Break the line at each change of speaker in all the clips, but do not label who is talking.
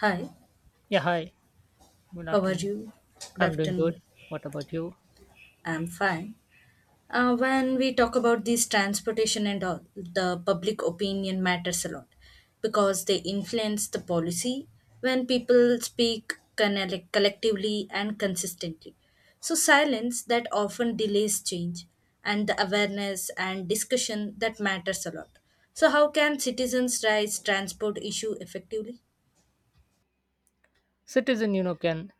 Hi,
Yeah, hi. Good
how are
afternoon.
you? Good
I'm doing good.
afternoon.
What about you?
I'm fine. When we talk about these transportation and all, the public opinion matters a lot because they influence the policy when people speak collectively and consistently. So, silence that often delays change and the awareness and discussion that matters a lot. So, how can citizens raise transport issue effectively?
Citizen can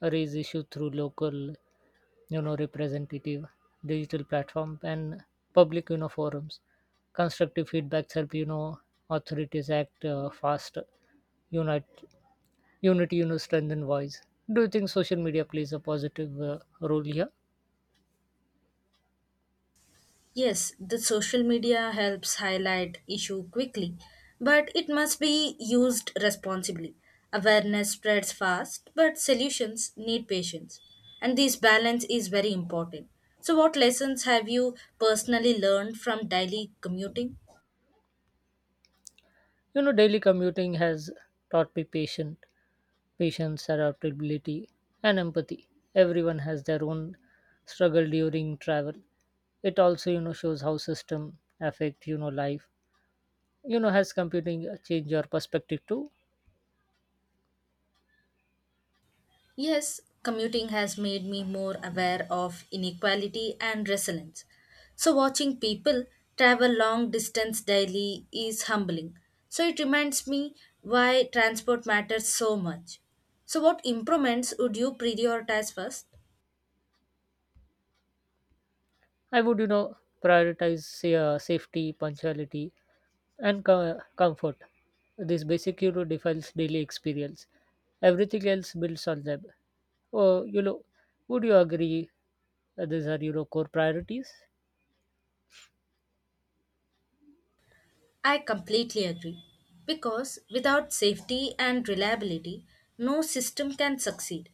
raise issue through local, representative, digital platform, and public, forums. Constructive feedbacks help, authorities act fast. Unite, unity, strengthen voice. Do you think social media plays a positive role here?
Yes, the social media helps highlight issue quickly, but it must be used responsibly. Awareness spreads fast, but solutions need patience. And this balance is very important. So what lessons have you personally learned from daily commuting?
Daily commuting has taught me patience, adaptability, and empathy. Everyone has their own struggle during travel. It also, shows how system affect, life. Has computing changed your perspective too?
Yes, commuting has made me more aware of inequality and resilience. So, watching people travel long distance daily is humbling. So, it reminds me why transport matters so much. So, what improvements would you prioritize first?
I would, prioritize say, safety, punctuality, and comfort. This basic, defines daily experience. Everything else builds on them. Oh, would you agree? These are core priorities.
I completely agree. Because without safety and reliability, no system can succeed.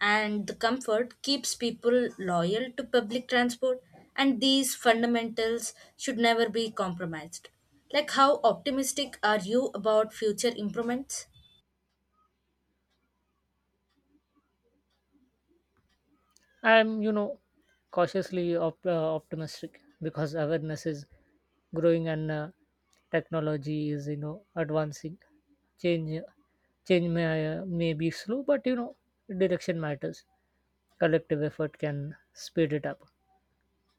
And the comfort keeps people loyal to public transport, and these fundamentals should never be compromised. Like, how optimistic are you about future improvements?
I'm cautiously optimistic because awareness is growing and technology is advancing. Change change may be slow, but direction matters. Collective effort can speed it up.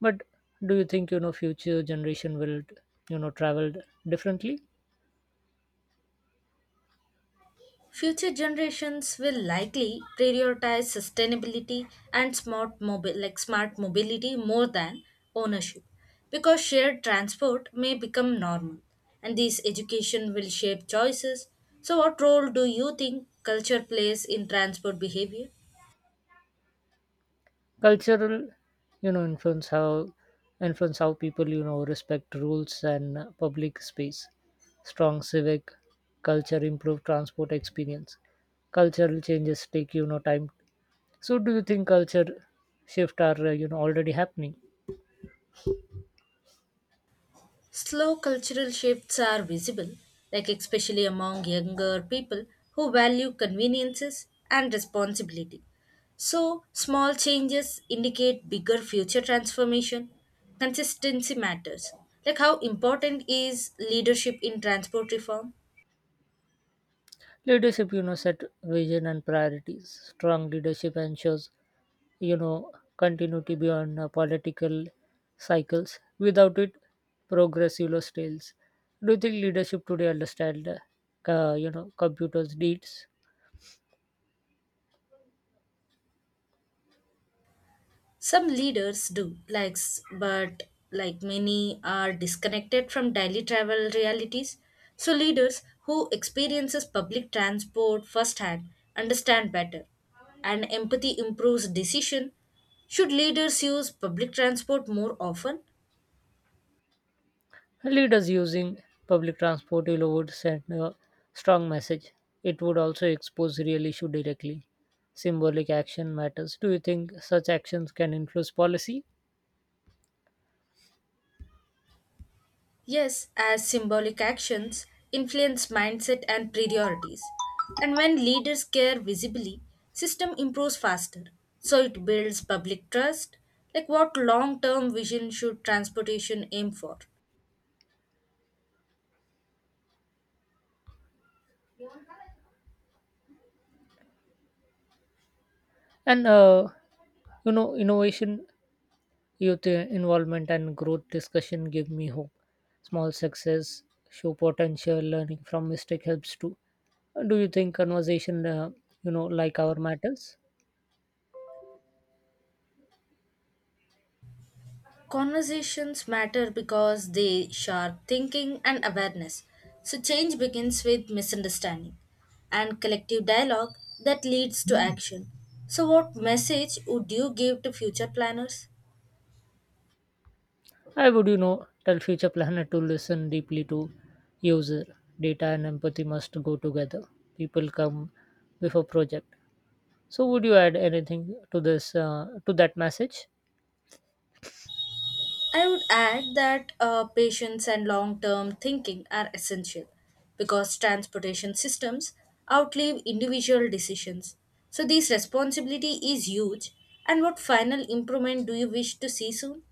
But do you think future generation will travel differently?
Future generations will likely prioritize sustainability and smart mobility more than ownership because shared transport may become normal and this education will shape choices. So, what role do you think culture plays in transport behavior?
Cultural, you know, influence how influence how people, respect rules and public space. Strong civic culture improve transport experience. Cultural changes take, time. So, do you think culture shift are, already happening?
Slow cultural shifts are visible, like especially among younger people who value conveniences and responsibility. So, small changes indicate bigger future transformation. Consistency matters. Like how important is leadership in transport reform?
Leadership, set vision and priorities. Strong leadership ensures you know continuity beyond political cycles. Without it progress stales. Do you think leadership today understand, computers needs?
Some leaders do, like, but many are disconnected from daily travel realities. So leaders who experiences public transport firsthand understand better, and empathy improves decision. Should leaders use public transport more often?
Leaders using public transport, would send a strong message. It would also expose real issue directly. Symbolic action matters. Do you think such actions can influence policy
Yes, as symbolic actions influence mindset and priorities. And when leaders care visibly, system improves faster. So it builds public trust, like what long-term vision should transportation aim for.
and innovation? Youth involvement and growth discussion give me hope. Small success show potential. Learning from mistake helps too. Do you think conversation, like our matters?
Conversations matter because they sharp thinking and awareness. So change begins with misunderstanding and collective dialogue that leads to action. So what message would you give to future planners?
I would, tell future planner to listen deeply to user. Data and empathy must go together. People come before project. So, would you add anything to to that message?
I would add that patience and long term thinking are essential because transportation systems outlive individual decisions. So, this responsibility is huge. And what final improvement do you wish to see soon?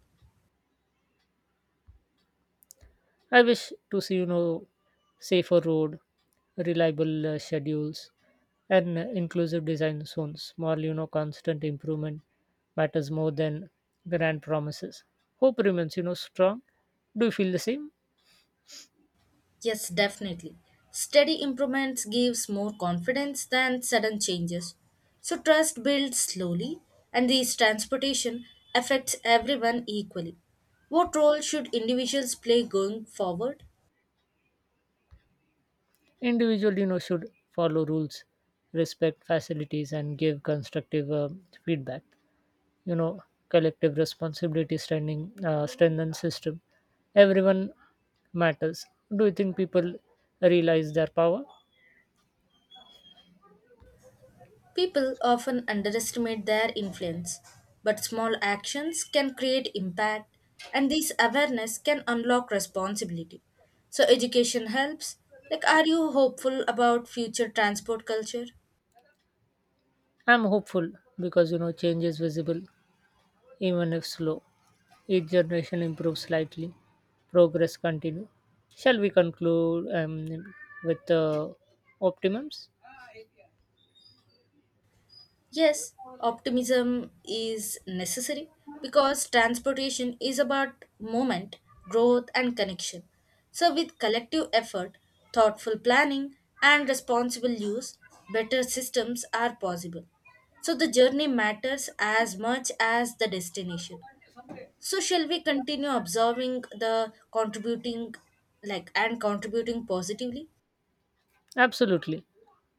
I wish to see, safer road, reliable schedules, and inclusive design zones. More, constant improvement matters more than grand promises. Hope remains, strong. Do you feel the same?
Yes, definitely. Steady improvements gives more confidence than sudden changes. So trust builds slowly and this transportation affects everyone equally. What role should individuals play going forward?
Individual, should follow rules, respect facilities, and give constructive feedback. You know, collective responsibility standing, strengthen system. Everyone matters. Do you think people realize their power?
People often underestimate their influence, but small actions can create impact, and this awareness can unlock responsibility. So education helps. Like, are you hopeful about future transport culture?
I'm hopeful because change is visible even if slow. Each generation improves slightly. Progress continue. Shall we conclude with optimums?
Yes, optimism is necessary because transportation is about movement, growth, and connection. So, with collective effort, thoughtful planning, and responsible use, better systems are possible. So, the journey matters as much as the destination. So, shall we continue observing the contributing, like, and contributing positively?
Absolutely,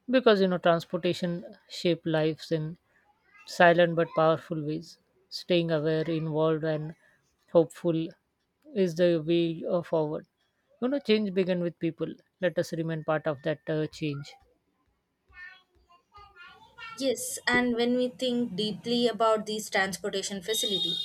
because transportation shape lives in silent but powerful ways. Staying aware, involved, and hopeful is the way forward. Change begin with people. Let us remain part of that change.
Yes, and when we think deeply about these transportation facility,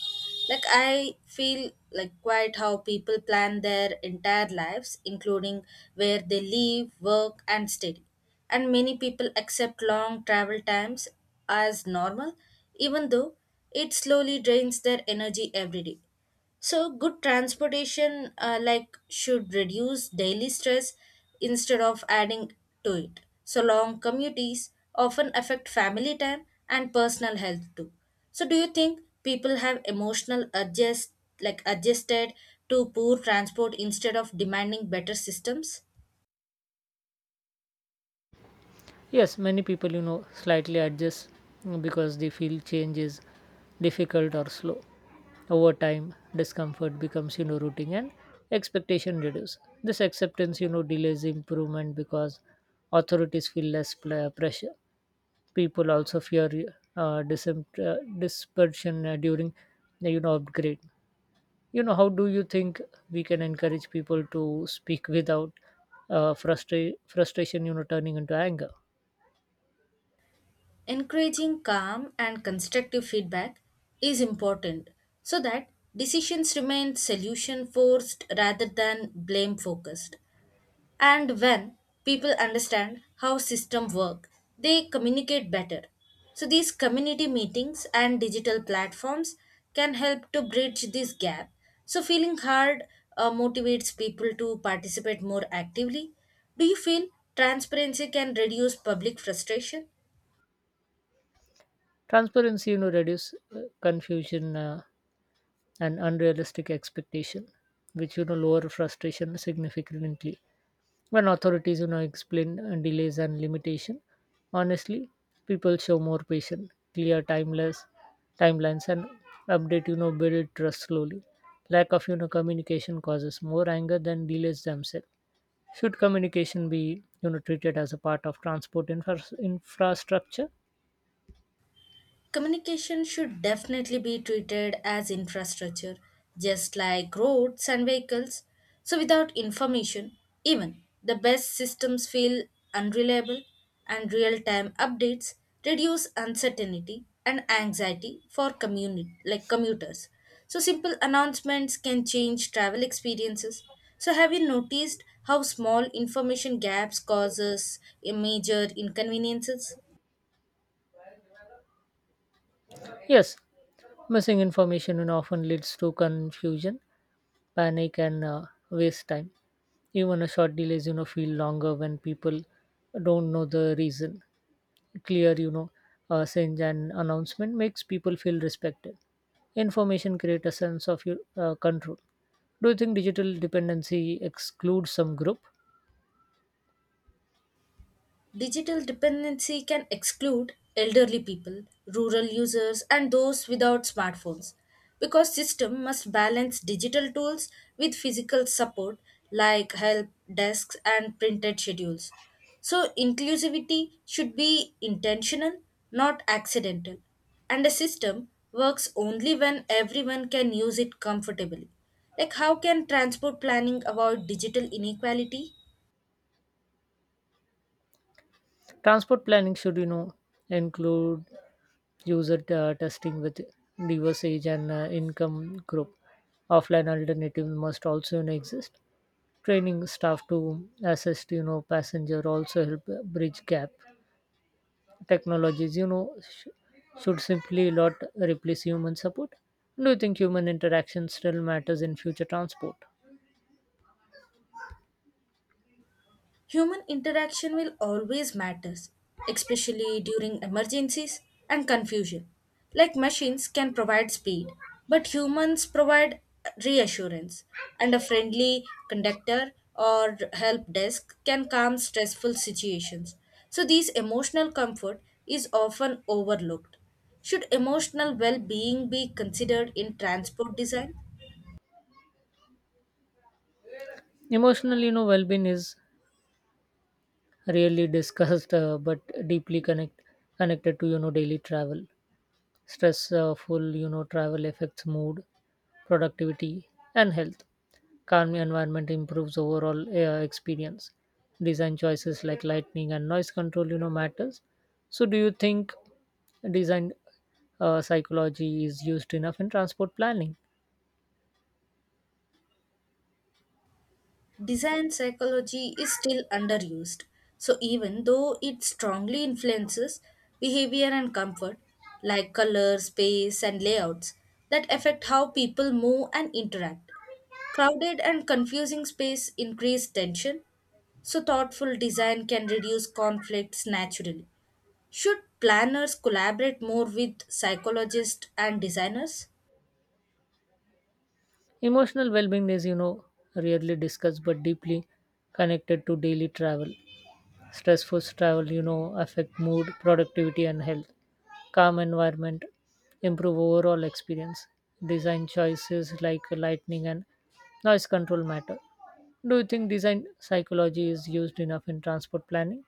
like I feel like quite how people plan their entire lives, including where they live, work, and study. And many people accept long travel times as normal, even though it slowly drains their energy every day. So, good transportation like should reduce daily stress instead of adding to it. So, long commutes often affect family time and personal health too. So, do you think people have emotional adjust like adjusted to poor transport instead of demanding better systems?
Yes, many people, slightly adjust because they feel change is difficult or slow. Over time, discomfort becomes, routine and expectation reduces. This acceptance, delays improvement because authorities feel less pressure. People also fear, dispersion during, upgrade. How do you think we can encourage people to speak without, frustration, turning into anger?
Encouraging calm and constructive feedback is important so that decisions remain solution forced rather than blame focused. And when people understand how system work, they communicate better. So these community meetings and digital platforms can help to bridge this gap. So feeling hard motivates people to participate more actively. Do you feel transparency can reduce public frustration?
Transparency reduce confusion and unrealistic expectation, which lower frustration significantly. When authorities explain delays and limitation honestly, people show more patience. Clear timeless timelines and update build trust slowly. Lack of, communication causes more anger than delays themselves. Should communication be, treated as a part of transport infrastructure?
Communication should definitely be treated as infrastructure, just like roads and vehicles. So, without information, even the best systems feel unreliable, and real time updates reduce uncertainty and anxiety for commuters. So, simple announcements can change travel experiences. So, have you noticed how small information gaps causes a major inconveniences?
Yes. Missing information and often leads to confusion, panic, and waste time. Even a short delays, feel longer when people don't know the reason. Clear, singe and announcement makes people feel respected. Information create a sense of your control. Do you think digital dependency excludes some group?
Digital dependency can exclude elderly people, rural users, and those without smartphones because system must balance digital tools with physical support like help desks and printed schedules. So inclusivity should be intentional, not accidental, and a system works only when everyone can use it comfortably. Like how can transport planning avoid digital inequality?
Transport planning should, include user testing with diverse age and income group. Offline alternative must also, exist. Training staff to assist, passenger also help bridge gap. Technologies, should simply not replace human support. Do you think human interaction still matters in future transport?
Human interaction will always matters, especially during emergencies and confusion. Like machines can provide speed, but humans provide reassurance, and a friendly conductor or help desk can calm stressful situations. So these emotional comfort is often overlooked. Should emotional well-being be considered in transport design?
Emotional, well-being is rarely discussed, but deeply connected to, daily travel. Stressful, travel affects mood, productivity, and health. Calm environment improves overall experience. Design choices like lighting and noise control, matters. So, do you think design psychology is used enough in transport planning?
Design psychology is still underused. So, even though it strongly influences behavior and comfort, like color, space, and layouts, that affect how people move and interact. Crowded and confusing space increase tension, so thoughtful design can reduce conflicts naturally. Should planners collaborate more with psychologists and designers?
Emotional well-being is, rarely discussed but deeply connected to daily travel. Stressful travel, affect mood, productivity, and health. Calm environment improve overall experience. Design choices like lighting and noise control matter. Do you think design psychology is used enough in transport planning?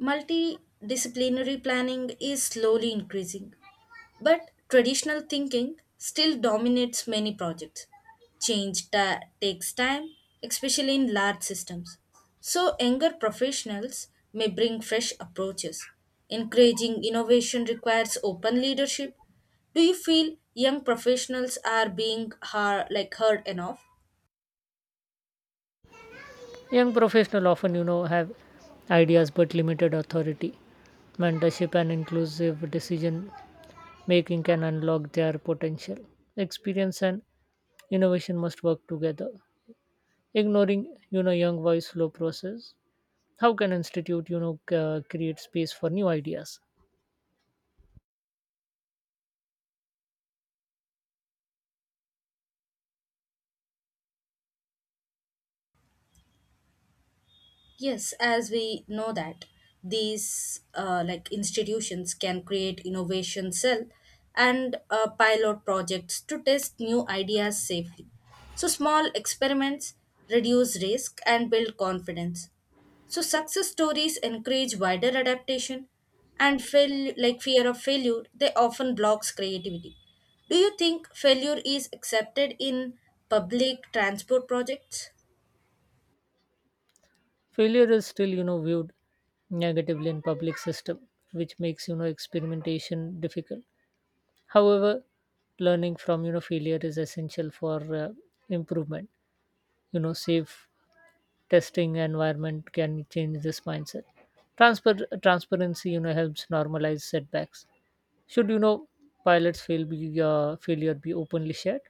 Multidisciplinary planning is slowly increasing, but traditional thinking still dominates many projects. Change takes time, especially in large systems. So, younger professionals may bring fresh approaches. Encouraging innovation requires open leadership. Do you feel young professionals are being heard enough?
Young professionals often, have ideas but limited authority. Mentorship and inclusive decision making can unlock their potential. Experience and innovation must work together. Ignoring, young boys slow process. How can institute, create space for new ideas?
Yes, as we know that these like institutions can create innovation cell and pilot projects to test new ideas safely. So small experiments reduce risk and build confidence. So success stories encourage wider adaptation and fail like fear of failure they often blocks creativity. Do you think failure is accepted in public transport projects?
Failure is still, viewed negatively in public system, which makes, experimentation difficult. However, learning from, failure is essential for improvement. Safe testing environment can change this mindset. Transper Transparency, helps normalize setbacks. Should, you know pilots fail be failure be openly shared?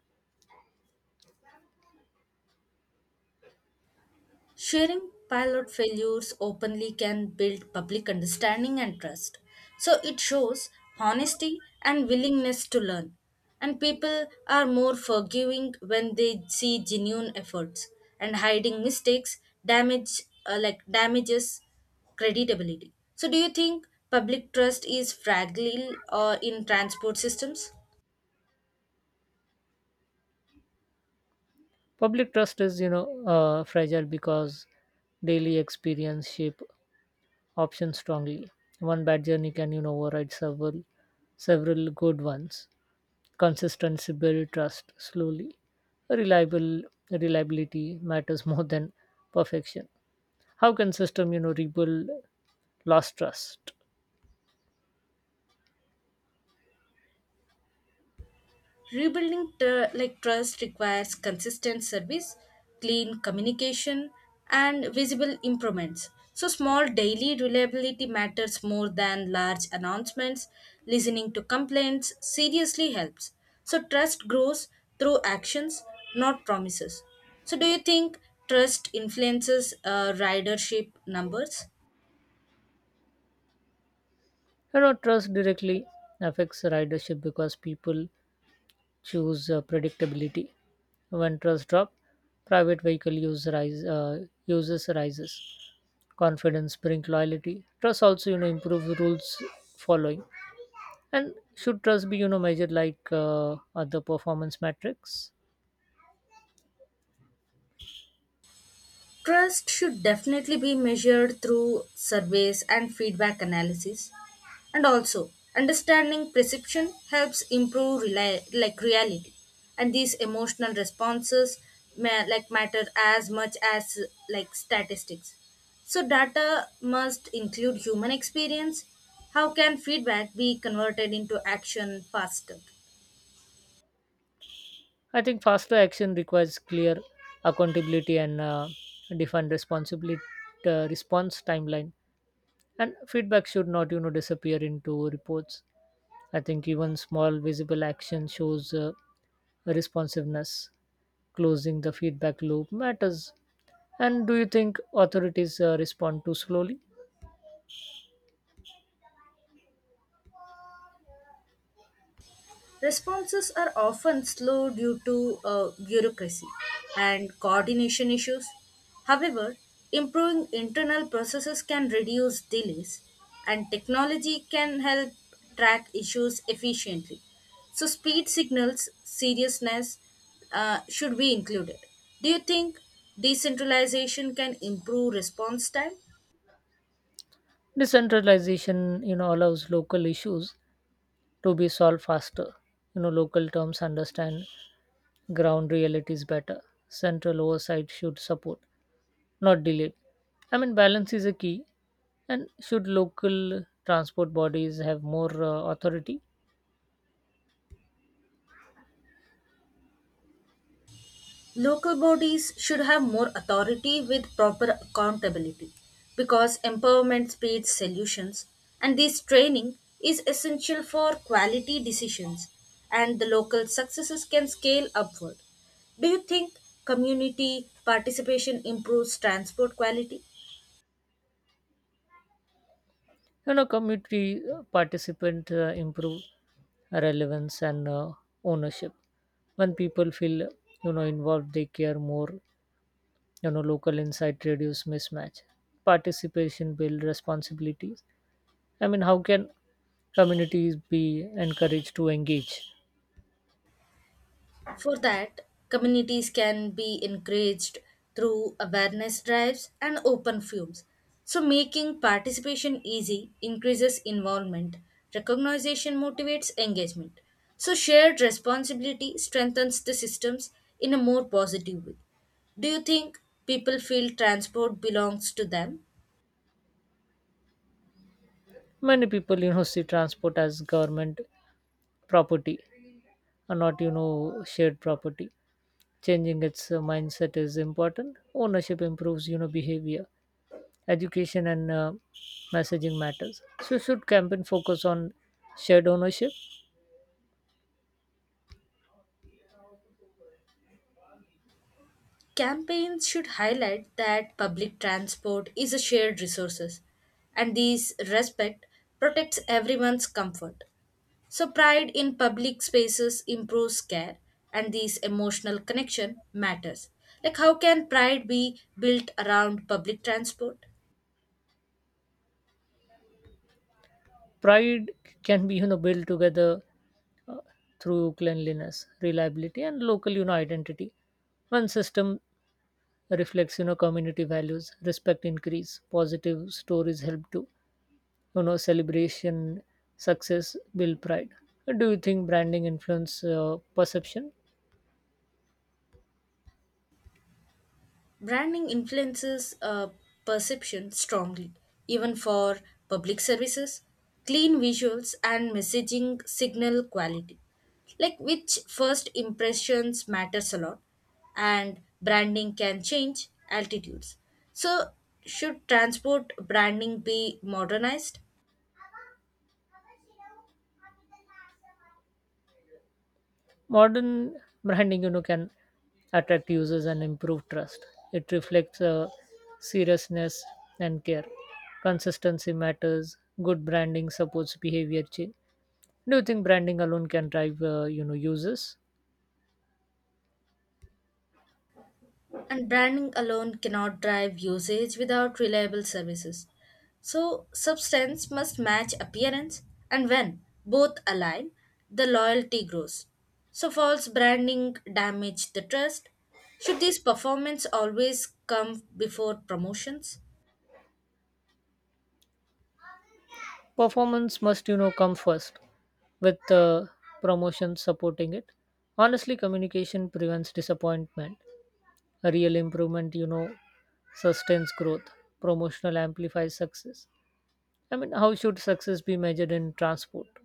Sharing pilot failures openly can build public understanding and trust. So it shows honesty and willingness to learn. And people are more forgiving when they see genuine efforts. And hiding mistakes damages creditability. So do you think public trust is fragile or in transport systems?
Public trust is, fragile because daily experience shape options strongly. One bad journey can, override several good ones. Consistency build trust slowly. Reliable Reliability matters more than perfection. How can system, rebuild lost trust?
Rebuilding trust requires consistent service, clean communication, and visible improvements. So small daily reliability matters more than large announcements. Listening to complaints seriously helps. So trust grows through actions, not promises. So do you think trust influences ridership numbers?
Trust directly affects ridership because people choose predictability. When trust drop, private vehicle uses rises. Confidence bring loyalty. Trust also, improve rules following. And should trust be, measured like other performance metrics?
Trust should definitely be measured through surveys and feedback analysis. And also, understanding perception helps improve reality. And these emotional responses matter as much as like statistics. So data must include human experience. How can feedback be converted into action faster?
I think faster action requires clear accountability and defined responsibility response timeline, and feedback should not, disappear into reports. I think even small visible action shows responsiveness. Closing the feedback loop matters. And do you think authorities respond too slowly?
Responses are often slow due to bureaucracy and coordination issues. However, improving internal processes can reduce delays, and technology can help track issues efficiently. So, speed signals, seriousness should be included. Do you think decentralization can improve response time?
Decentralization, allows local issues to be solved faster. Local terms understand ground reality is better. Central oversight should support, not delay. I mean, balance is a key. And should local transport bodies have more authority?
Local bodies should have more authority with proper accountability because empowerment speeds solutions and this training is essential for quality decisions and the local successes can scale upward. Do you think community participation improves transport quality?
Community participant improve relevance and ownership. When people feel, involved, they care more. Local insight reduce mismatch. Participation build responsibilities. I mean, how can communities be encouraged to engage?
For that, communities can be encouraged through awareness drives and open forums. So, making participation easy increases involvement, recognition motivates engagement. So, shared responsibility strengthens the systems in a more positive way. Do you think people feel transport belongs to them?
Many people, see transport as government property and not, shared property. Changing its mindset is important. Ownership improves, behavior. Education and messaging matters. So should campaign focus on shared ownership?
Campaigns should highlight that public transport is a shared resource and this respect protects everyone's comfort. So pride in public spaces improves care and this emotional connection matters. Like how can pride be built around public transport?
Pride can be, built together uh, through cleanliness, reliability, and local, identity. One system reflects, community values. Respect increase. Positive stories help too. Celebration success build pride. Do you think branding influence perception?
Branding influences perception strongly, even for public services, clean visuals and messaging signal quality. Like which first impressions matters a lot and branding can change altitudes. So should transport branding be modernized?
Modern branding, can attract users and improve trust. It reflects seriousness and care. Consistency matters. Good branding supports behavior change. Do you think branding alone can drive, users?
And branding alone cannot drive usage without reliable services. So, substance must match appearance, and when both align, the loyalty grows. So, false branding damage the trust. Should these performance always come before promotions?
Performance must, come first with promotion supporting it. Honestly communication prevents disappointment. Real improvement, sustains growth. Promotional amplifies success. I mean, how should success be measured in transport?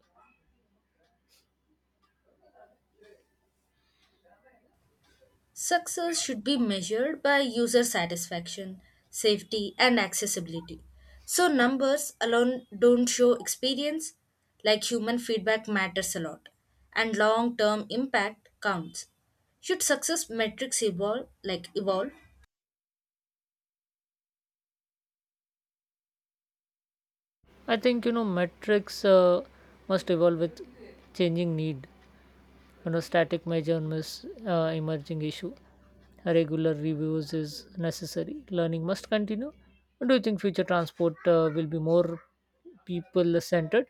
Success should be measured by user satisfaction, safety, and accessibility. So, numbers alone don't show experience, like human feedback matters a lot, and long term impact counts. Should success metrics evolve, like evolve?
I think, you know, metrics must evolve with changing need. Static measure miss emerging issue. Regular reviews is necessary. Learning must continue. Do you think future transport will be more people centered?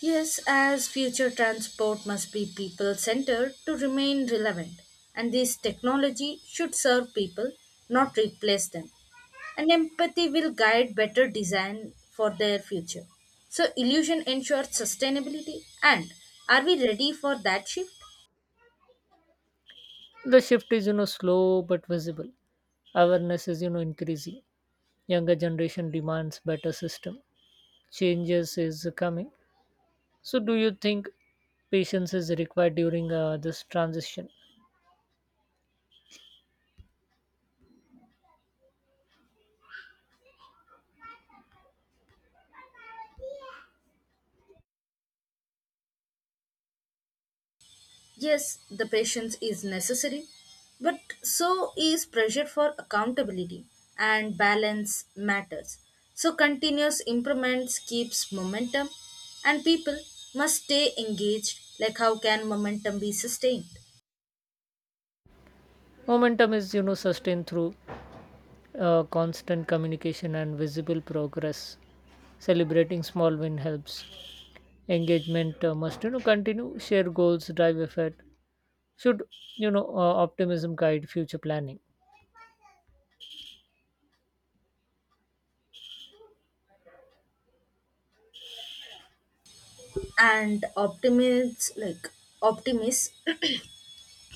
Yes, as future transport must be people centered to remain relevant, and this technology should serve people, not replace them. And empathy will guide better design for their future. So, illusion ensures sustainability. And are we ready for that shift?
The shift is, slow but visible. Awareness is, increasing. Younger generation demands better system. Changes is coming. So do you think patience is required during this transition?
Yes, the patience is necessary, but so is pressure for accountability and balance matters. So, continuous improvements keeps momentum, and people must stay engaged. Like, how can momentum be sustained?
Momentum is, sustained through constant communication and visible progress. Celebrating small win helps. Engagement must, continue. Share goals drive effort. Should, optimism guide future planning?
And optimists,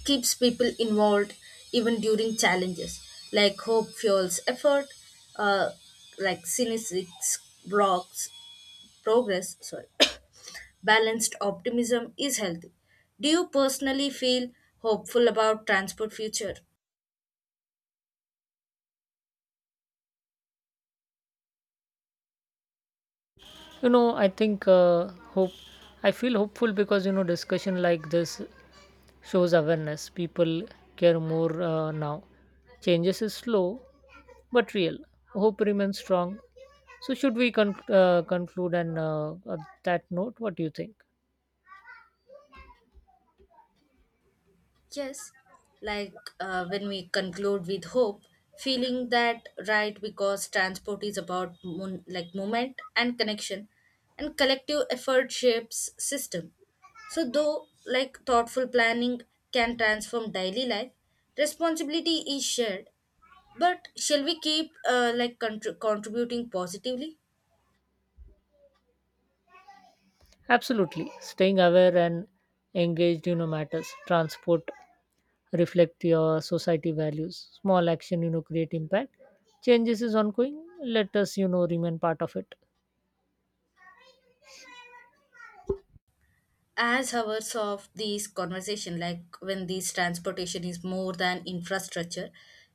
keeps people involved even during challenges. Like, hope fuels effort, uh, like cynics blocks progress, sorry, balanced optimism is healthy. Do you personally feel hopeful about transport future?
You know i think uh, hope I feel hopeful because, discussion like this shows awareness. People care more now. Changes is slow but real. Hope remains strong. So, should we conclude and on that note? What do you think?
Yes, like when we conclude with hope, feeling that right because transport is about movement and connection, and collective effort shapes system. So thoughtful planning can transform daily life, responsibility is shared. But shall we keep contributing positively?
Absolutely. Staying aware and engaged, matters. Transport reflect your society values. Small action, create impact. Changes is ongoing. Let us, remain part of it.
As hours of these conversation, like when this transportation is more than infrastructure,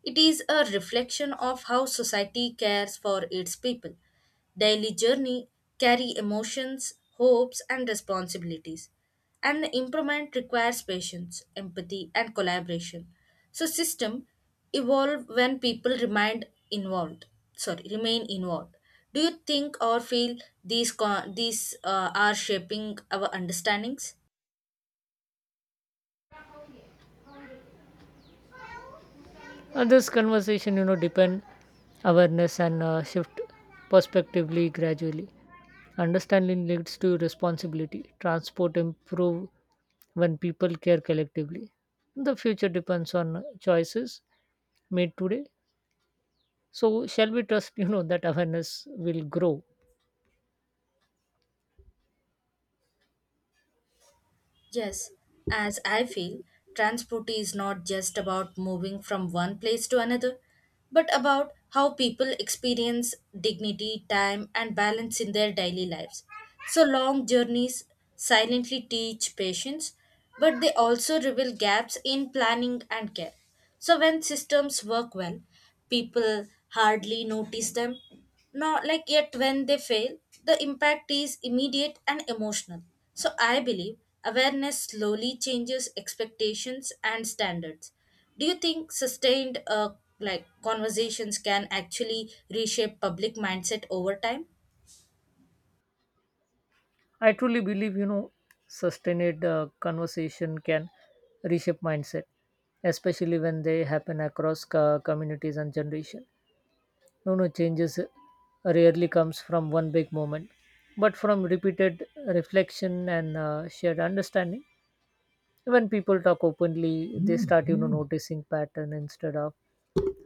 it is a reflection of how society cares for its people. Daily journey carry emotions, hopes, and responsibilities, and improvement requires patience, empathy, and collaboration. So system evolve when people remain involved sorry remain involved. Do you think or feel these are shaping our understandings?
This conversation, depend awareness and shift perspectively gradually. Understanding leads to responsibility. Transport improve when people care collectively. The future depends on choices made today. So shall we trust, that awareness will grow?
Yes, as I feel, transport is not just about moving from one place to another, but about how people experience dignity, time, and balance in their daily lives. So long journeys silently teach patience, but they also reveal gaps in planning and care. So when systems work well, people hardly notice them, not like yet when they fail the impact is immediate and emotional. So I believe awareness slowly changes expectations and standards. Do you think sustained like conversations can actually reshape public mindset over time?
I truly believe, sustained conversation can reshape mindset, especially when they happen across communities and generation. No, changes rarely comes from one big moment, but from repeated reflection and shared understanding. When people talk openly, they start, noticing pattern instead of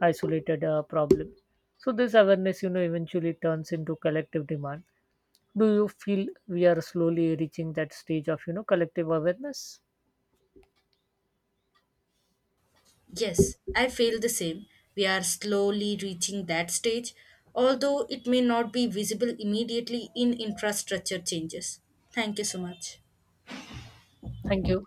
isolated problem. So this awareness, eventually turns into collective demand. Do you feel we are slowly reaching that stage of, collective awareness?
Yes, I feel the same. We are slowly reaching that stage, although it may not be visible immediately in infrastructure changes. Thank you so much.
Thank you.